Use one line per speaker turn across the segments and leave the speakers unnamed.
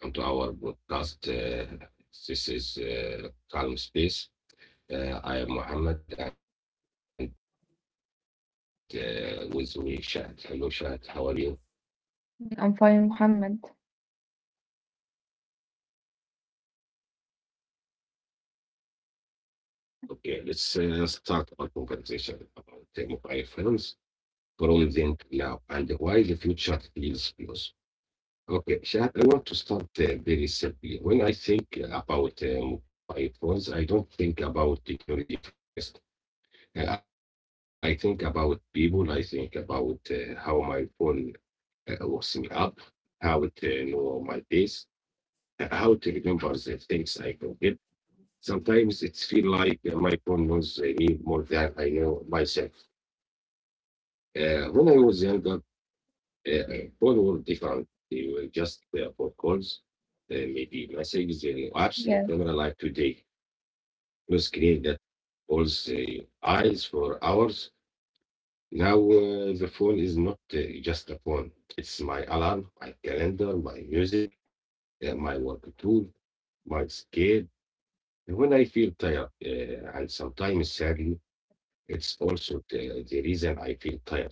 Hello everyone, welcome to our podcast. This is Calm Space. I am Mohammed and with me, Shad. Hello, Shad. How are you?
I'm fine, Mohammed.
Okay, let's start our conversation about the mobile phones from then to now and why the future feels close. Okay, Shad, I want to start very simply. When I think about mobile phones, I don't think about technology first. I think about people. I think about how my phone looking up how to know my days, how to remember the things I forget. Sometimes it feels like my phone knows me more than I know myself. When I was younger, phone were different. They were just for calls, maybe messages, and apps, the
Yes,
camera like today. No screen that holds eyes for hours. Now the phone is not just a phone. It's my alarm, my calendar, my music, my work tool, my scale. And when I feel tired, and sometimes sadly, it's also the reason I feel tired.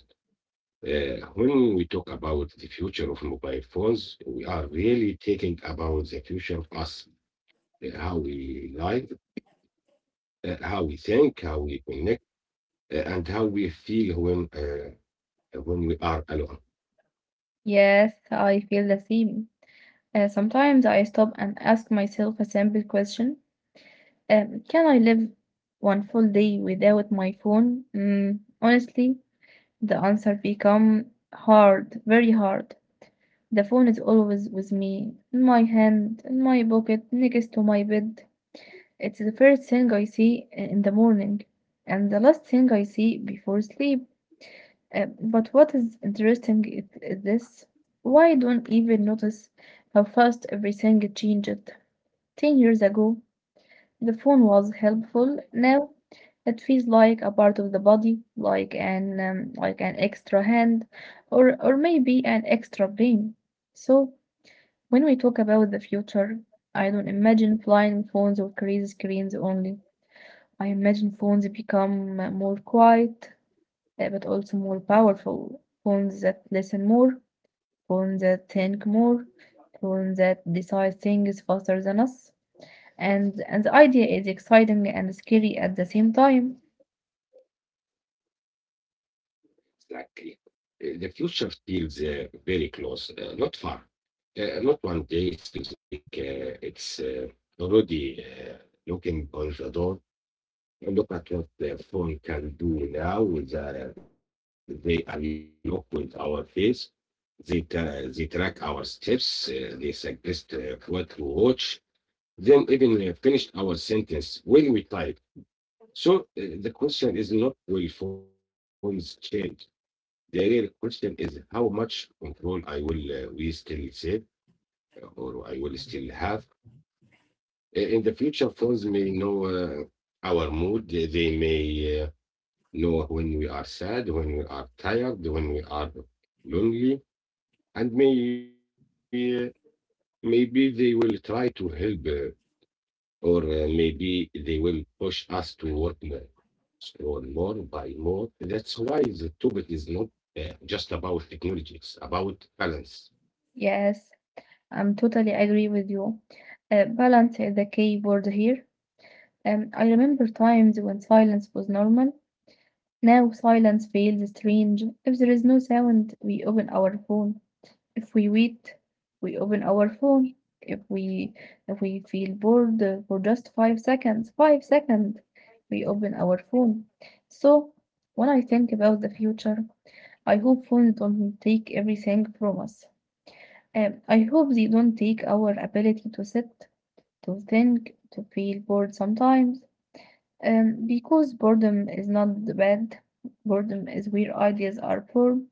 When we talk about the future of mobile phones, we are really talking about the future of us, how we live, how we think, how we connect, and how we feel when we are alone.
yes, I feel the same. Sometimes I stop and ask myself a simple question. Can I live one full day without my phone? Mm, honestly, the answer become hard, very hard. The phone is always with me, in my hand, in my pocket, next to my bed. It's the first thing I see in the morning, and the last thing I see before sleep. But what is interesting is this why don't even notice how fast everything changed. 10 years ago, the phone was helpful. Now, it feels like a part of the body, like an extra hand, or maybe an extra brain. So when we talk about the future, I don't imagine flying phones or crazy screens only. I imagine phones become more quiet, but also more powerful. Phones that listen more, phones that think more, phones that decide things faster than us. And the idea is exciting and scary at the same time.
Exactly. The future feels very close, not far. Not one day. It feels like it's already knocking on the door. And look at what the phone can do now. They unlock with our face. They track our steps. They suggest what to watch. Then even finished our sentence when we type. So the question is not will phones change. The real question is how much control I will we still save, or I will still have. In the future, phones may know our mood. They may know when we are sad, when we are tired, when we are lonely, and uh, maybe they will try to help, or maybe they will push us to work more, or more, buy more. That's why the topic is not just about technology; it's about balance.
Yes, I'm totally agree with you. Balance is the key word here. I remember times when silence was normal. Now silence feels strange. If there is no sound, we open our phone. If we wait, we open our phone. If we if we feel bored for just 5 seconds, 5 seconds, we open our phone. So when I think about the future, I hope phones don't take everything from us. I hope they don't take our ability to sit, to think, to feel bored sometimes. Because boredom is not the bad. Boredom is where ideas are formed.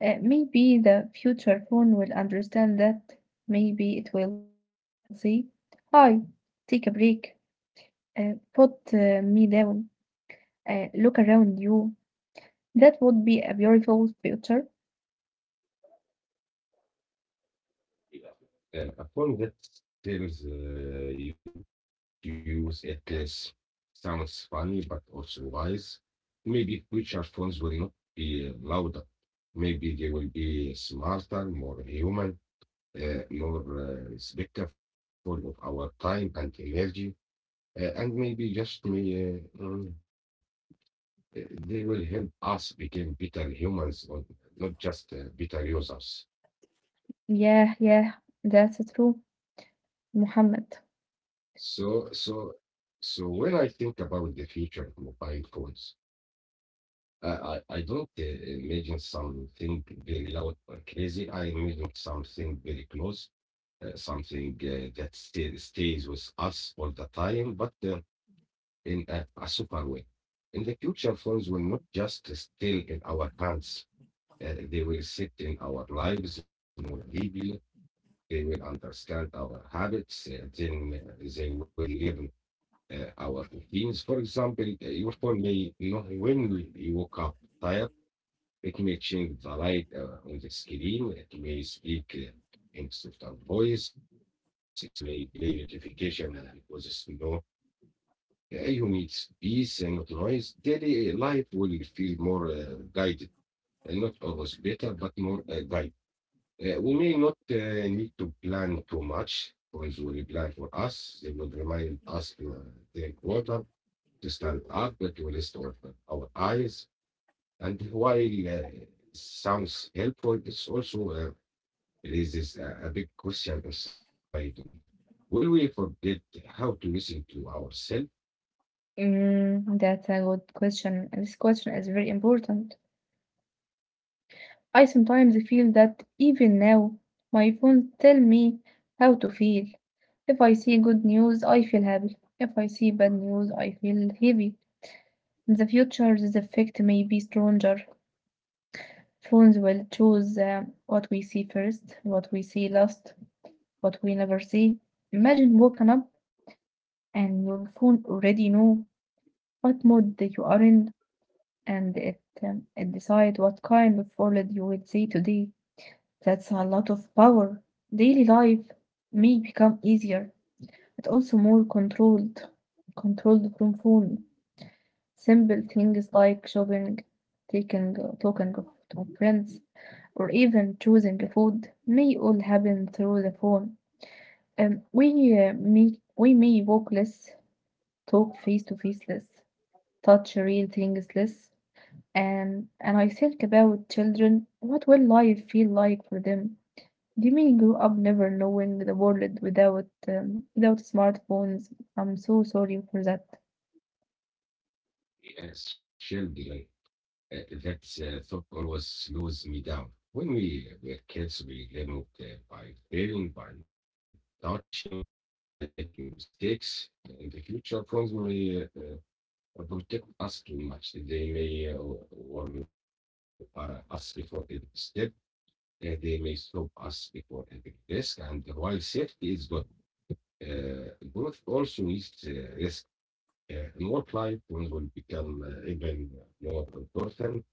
Maybe the future phone will understand that. Maybe it will say, "Hi, take a break. Put me down. Look around you." That would be a beautiful future.
A phone that tells you use it is sounds funny but also wise. Maybe future phones will not be louder. Maybe they will be smarter, more human, more respectful of our time and energy, and maybe they will help us become better humans, or not just better users.
Yeah, yeah, that's true, Muhammad.
So, so, so when I think about the future of mobile phones, I don't imagine something very loud or crazy. I imagine something very close, something that stays with us all the time, but in a super way. In the future, phones will not just stay in our hands, they will sit in our lives more deeply. They will understand our habits, then they will learn our routines. For example, your phone may know when you woke up tired. Making it varied on the screen. It may speak in softer voice. It may delay notification because slow. You need peace and not noise. Daily life will feel more guided, and not always better, but more guided. We may not need to plan too much. Friends will plan for us. They will remind us to drink water, to stand up, to restore our eyes, and while sounds helpful, it's also raises a big question inside me. Will we forget how to listen to ourselves?
Mm, that's a good question. This question is very important. I sometimes feel that even now my phone tell me how to feel. If I see good news, I feel happy. If I see bad news, I feel heavy. In the future, this effect may be stronger. Phones will choose what we see first, what we see last, what we never see. Imagine waking up and your phone already know what mood that you are in, and it decide what kind of world you will see today. That's a lot of power. Daily life may become easier, but also more controlled, controlled from phone. Simple things like shopping, talking of- to friends, or even choosing a food may all happen through the phone. We may we may walk less, talk face to face less, touch real things less, and I think about children. What will life feel like for them? You may grow up never knowing the world without without smartphones. I'm so sorry for that.
As surely. Like, uh, that thought always slows me down. When we were kids, we learned by failing, by touching, by making mistakes. In the future, phones may protect us too much. They may warn us before they step. They may stop us before entering risk, and while safety is good, uh, growth also needs risk. In work life, one will become even more important.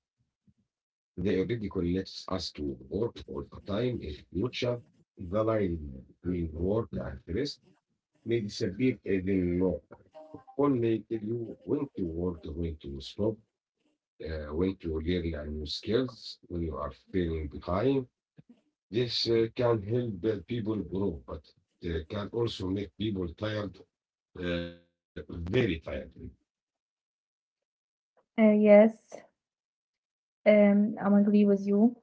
They already connects us to work all the time in future. The line between work and rest may disappear even more. All may tell you when to work, when to stop, when to learn new skills, when you are feeling behind. This can help people grow, but can also make people tired, very tired.
Yes, I'm agree with you.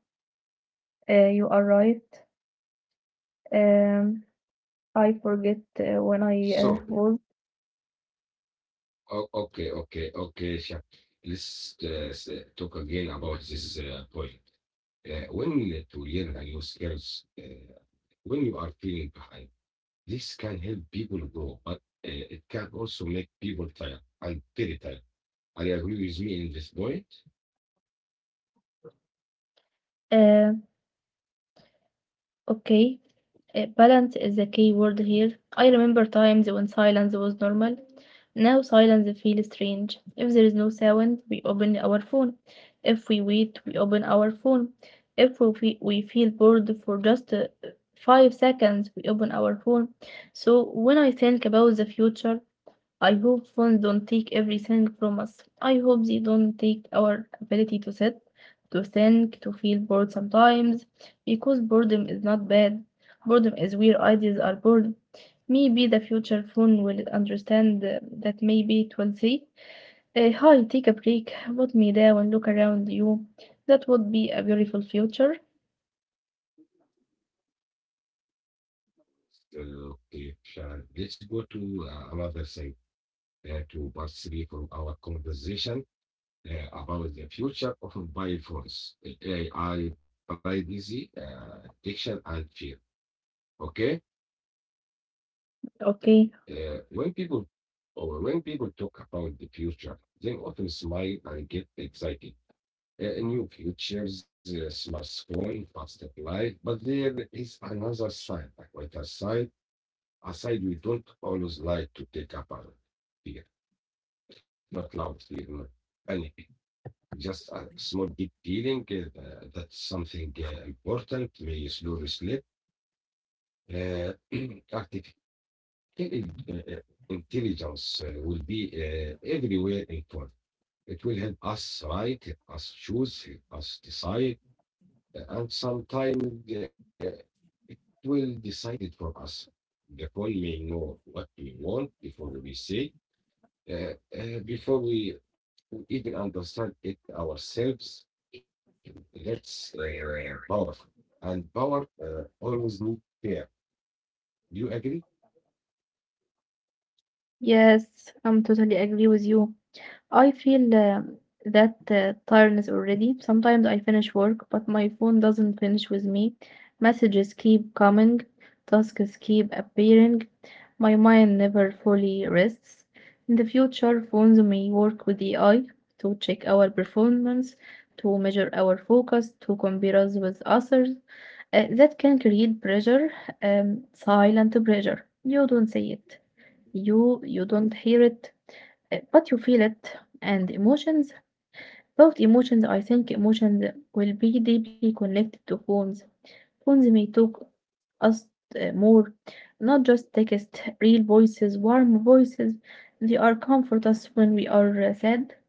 You are right. Um, I forget when I
So,
was.
okay, Shah. Let's talk again about this point. When to learn a new skills, when you are feeling behind, this can help people grow, but it can also make people tired and very tired. Are you agree with me in this point?
Um Okay, balance is the key word here. I remember times when silence was normal. Now silence feels strange. If there is no sound, we open our phone. If we wait, we open our phone. If we feel bored for just 5 seconds, we open our phone. So when I think about the future, I hope phones don't take everything from us. I hope they don't take our ability to sit, to think, to feel bored sometimes, because boredom is not bad. Boredom is where ideas are born. Maybe the future phone will understand that maybe it will say, "Hi, take a break, put me down, look around you." That would be a beautiful future.
Okay, Sharon. Let's go to another side to part three from our conversation about the future of mobile phones. AI privacy, detection, and fear. Okay?
Okay.
Uh, when people when people talk about the future, they often smile and get excited. New futures, smartphone, faster life, but there is another side, a quieter side, a side we don't always like to take about. Fear, not loud fear, not panic, just a small deep feeling that something important may slowly slip uh, Artificial intelligence will be everywhere in court. It will help us write, us choose, us decide, and sometimes it will decide it for us. The phone may know what we want before we say, uh, before we even understand it ourselves. That's powerful. And power always need care. Do you agree?
Yes, I'm totally agree with you. I feel that tiredness already. Sometimes I finish work, but my phone doesn't finish with me. Messages keep coming, tasks keep appearing. My mind never fully rests. In the future, phones may work with AI to check our performance, to measure our focus, to compare us with others. That can create pressure, silent pressure. You don't see it. You don't hear it, but you feel it, and emotions. Both emotions, I think emotions will be deeply connected to phones. Phones may talk us more, not just text, real voices, warm voices. They are comfort us when we are sad.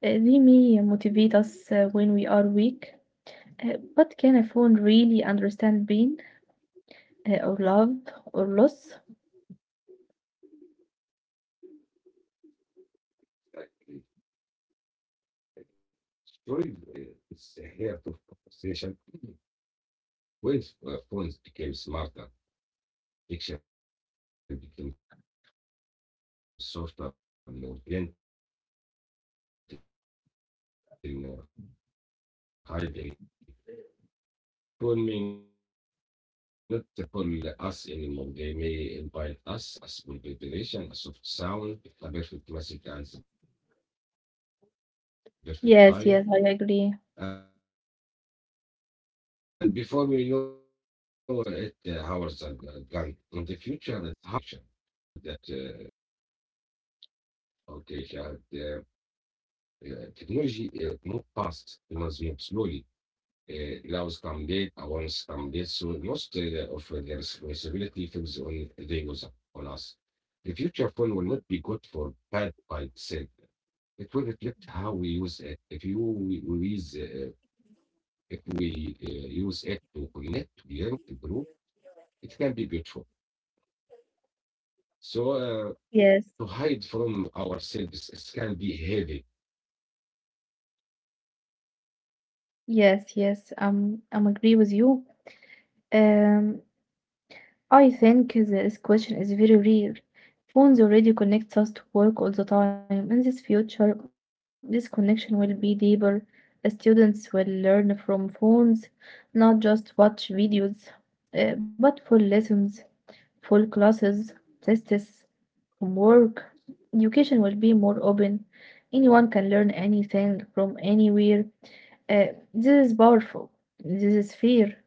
They may motivate us when we are weak. But can a phone really understand pain or love or loss?
Storytelling is a heart of conversation. When phones became smarter, fiction became softer, more gentle, more hiding. People may not call us anymore. They may invite us as full revelation, a soft sound, a perfect message at the
Yes, yes,
perfect
I agree.
time. And before we know it, hours are gone. In the future, the addiction may not look like addiction. It may look like comfort that is quite dangerous. Okay, Shahad. It's hard question. With just technology move fast, it must be slowly. Allows come late, awards come late. So most of the responsibility falls on the user, on us. The future phone will not be good for bad by itself. It will reflect how we use it. If you we use if we use it to connect, to learn, to grow, it can be beautiful. So
Yes,
to hide from ourselves. It can be heavy.
yes, yes. I'm agree with you. Um, I think this question is very real. Phones already connect us to work all the time. In this future, this connection will be deeper. Students will learn from phones, not just watch videos, but full lessons, full classes, tests from work. Education will be more open. Anyone can learn anything from anywhere. Uh, this is powerful. This is fair.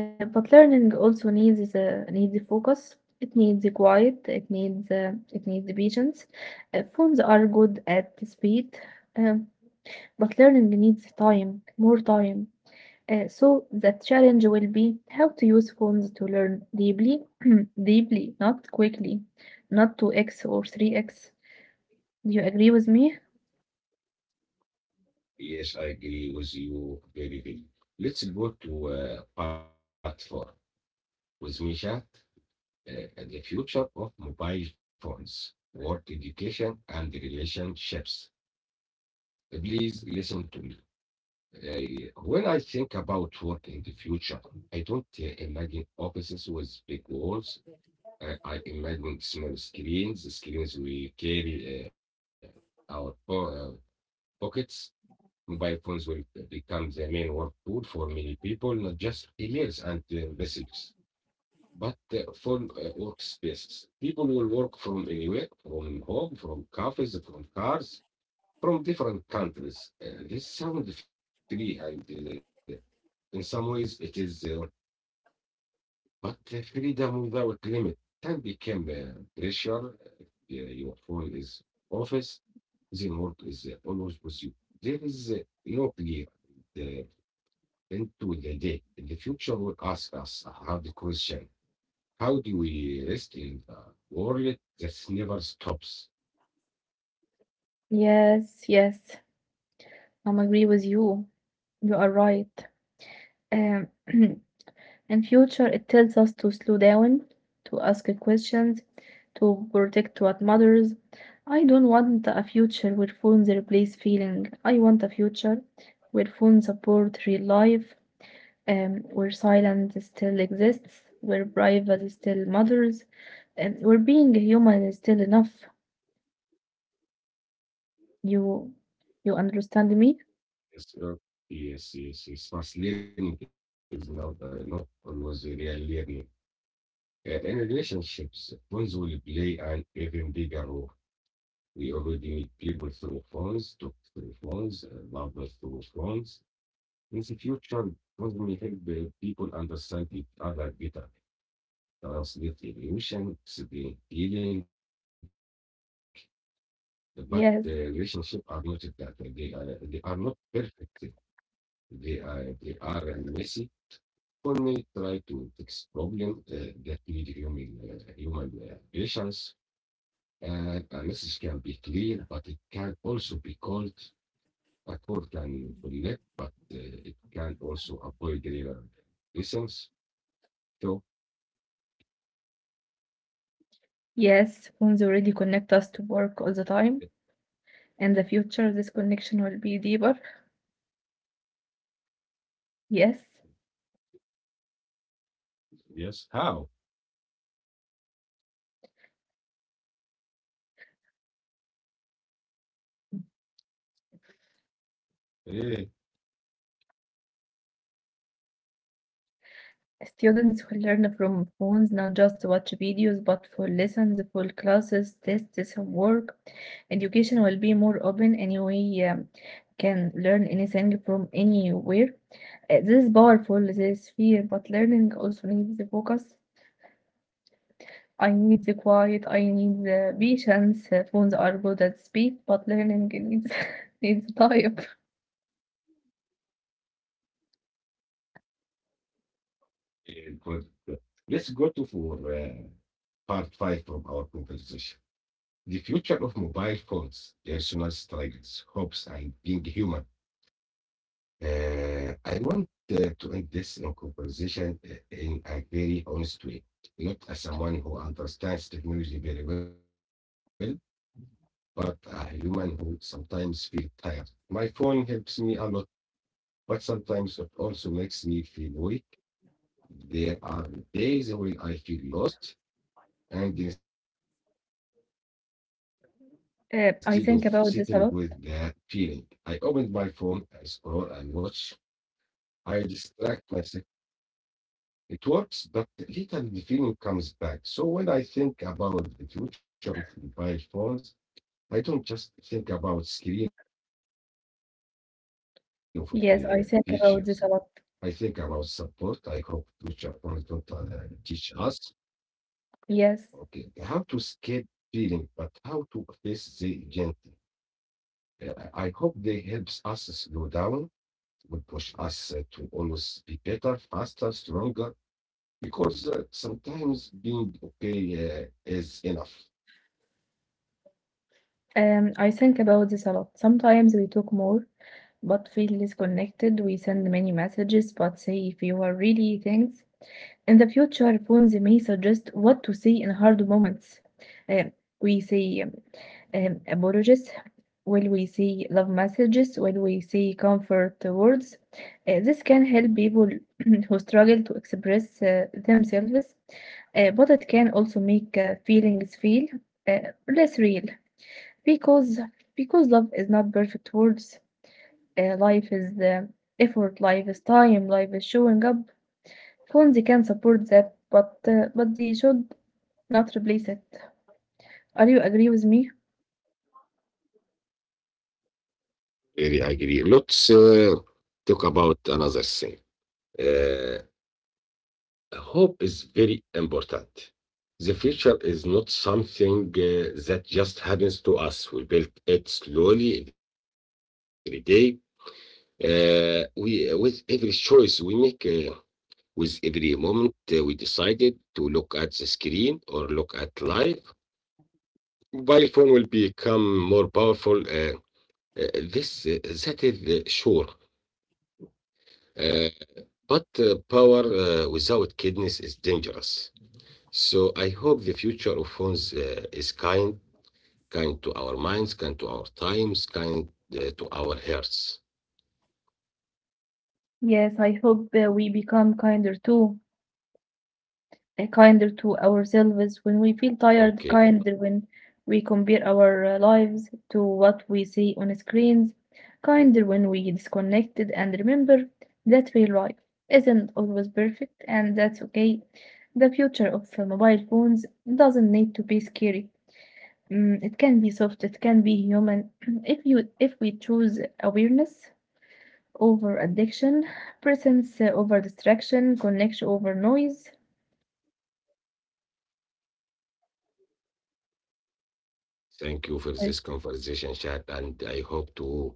But learning also needs focus. It needs quiet. It needs patience. Phones are good at speed, um, but learning needs time, more time. So the challenge will be how to use phones to learn deeply, deeply, not quickly, not 2x or 3x. Do you agree with me?
Yes, I agree with you very well. Let's go to part four with Misha, uh, the future of mobile phones, work education, and relationships. Please listen to me. When I think about work in the future, I don't imagine offices with big walls. I imagine small screens, the screens we carry our pockets. Mobile phones will become the main work tool for many people, not just emails and messages, but full workspaces. People will work from anywhere, from home, from cafes, from cars, from different countries. This sounds free, and in some ways it is, but freedom without limit can become pressure. If yeah, your phone is office, then work is always with you. There is no clear. uh, into the day. The future will ask us a hard question. How do we rest in the world that never stops?
Yes, yes, I'm agree with you. You are right. Um, in future, it tells us to slow down, to ask questions, to protect what matters. I don't want a future where phones replace feeling. I want a future where phones support real life, where silence still exists, where privacy still matters, and where being human is still enough. You, you understand me?
Yes, yes, yes. Yes. Fast learning is not always real learning. In relationships, phones will play an even bigger role. We already meet people through phones, talk through phones, love through phones. In the future, phones will help people understand each other better, translate emotion, explain feeling. But the relationship are
Yes,
not that. They are not perfect. They are messy. Only try to fix problem that need human patience. And a message can be clear, but it can also be called. A call can connect, but it can also avoid later lessons. So
yes. Phones already connect us to work all the time,
it,
and the future this connection will be deeper. Yes.
yes, how? Eh,
Students will learn from phones not just to watch videos but for lessons, for classes, tests, homework. Education will be more open anyway. Can learn anything from anywhere. This is powerful, this fear, but learning also needs the focus. I need the quiet, I need the patience. Phones are good at speed, but learning needs needs time.
Good, good. Let's go to for part five from our conversation. The future of mobile phones, personal struggles, hopes, and being human. I want to end this conversation in a very honest way, not as someone who understands technology very well, but a human who sometimes feels tired. My phone helps me a lot, but sometimes it also makes me feel weak. There are days when I feel lost, and instead of sitting with that feeling, I open my phone,
I
I
think
scroll
about
and
this a lot.
watch. I distract myself. Okay. And for a moment, is Sam. It works, but later the feeling comes back. So when I think about the future of mobile phones, I don't just think about screen of features. I think about
Yes, I
support.
think
I
about
hope
this a lot.
future phones don't teach us. Okay, how to escape feeling,
Yes.
but how to face the gently. I hope they helps us slow down would push us to always be better, faster, stronger, because sometimes being okay is enough.
I think about this a lot. Sometimes we talk more, but feel less connected. We send many messages, but say fewer really things. In the future, phones may suggest what to say in hard moments. Um, we say apologies. Will we say love messages? Will we say comfort words? This can help people who struggle to express themselves, but it can also make feelings feel uh, less real because because love is not perfect words, life is effort, life is time, life is showing up. Phones can support that, but but they should not replace it. Are you agree with me?
Really agree. Let's talk about another thing. Uh, Hope is very important. The future is not something that just happens to us. We build it slowly every day. We with every choice we make. With every moment, we decided to look at the screen or look at life. Mobile phone will become more powerful. Uh, this That is sure. Uh, but power without kindness is dangerous. So I hope the future of phones is kind, kind to our minds, kind to our times, kind to our hearts.
Yes, I hope we become kinder too, kinder to ourselves when we feel tired,
Okay,
kinder when we compare our lives to what we see on screens, kinder when we disconnected and remember that real life isn't always perfect, and that's okay. The future of mobile phones doesn't need to be scary. Mm, it can be soft, it can be human. If we choose awareness over addiction, presence over distraction, connection over noise.
thank you for this conversation, chat, and I hope to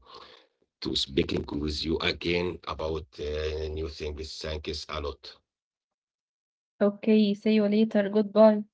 speaking with you again about new things. Thanks a lot.
Okay, see you later. Goodbye.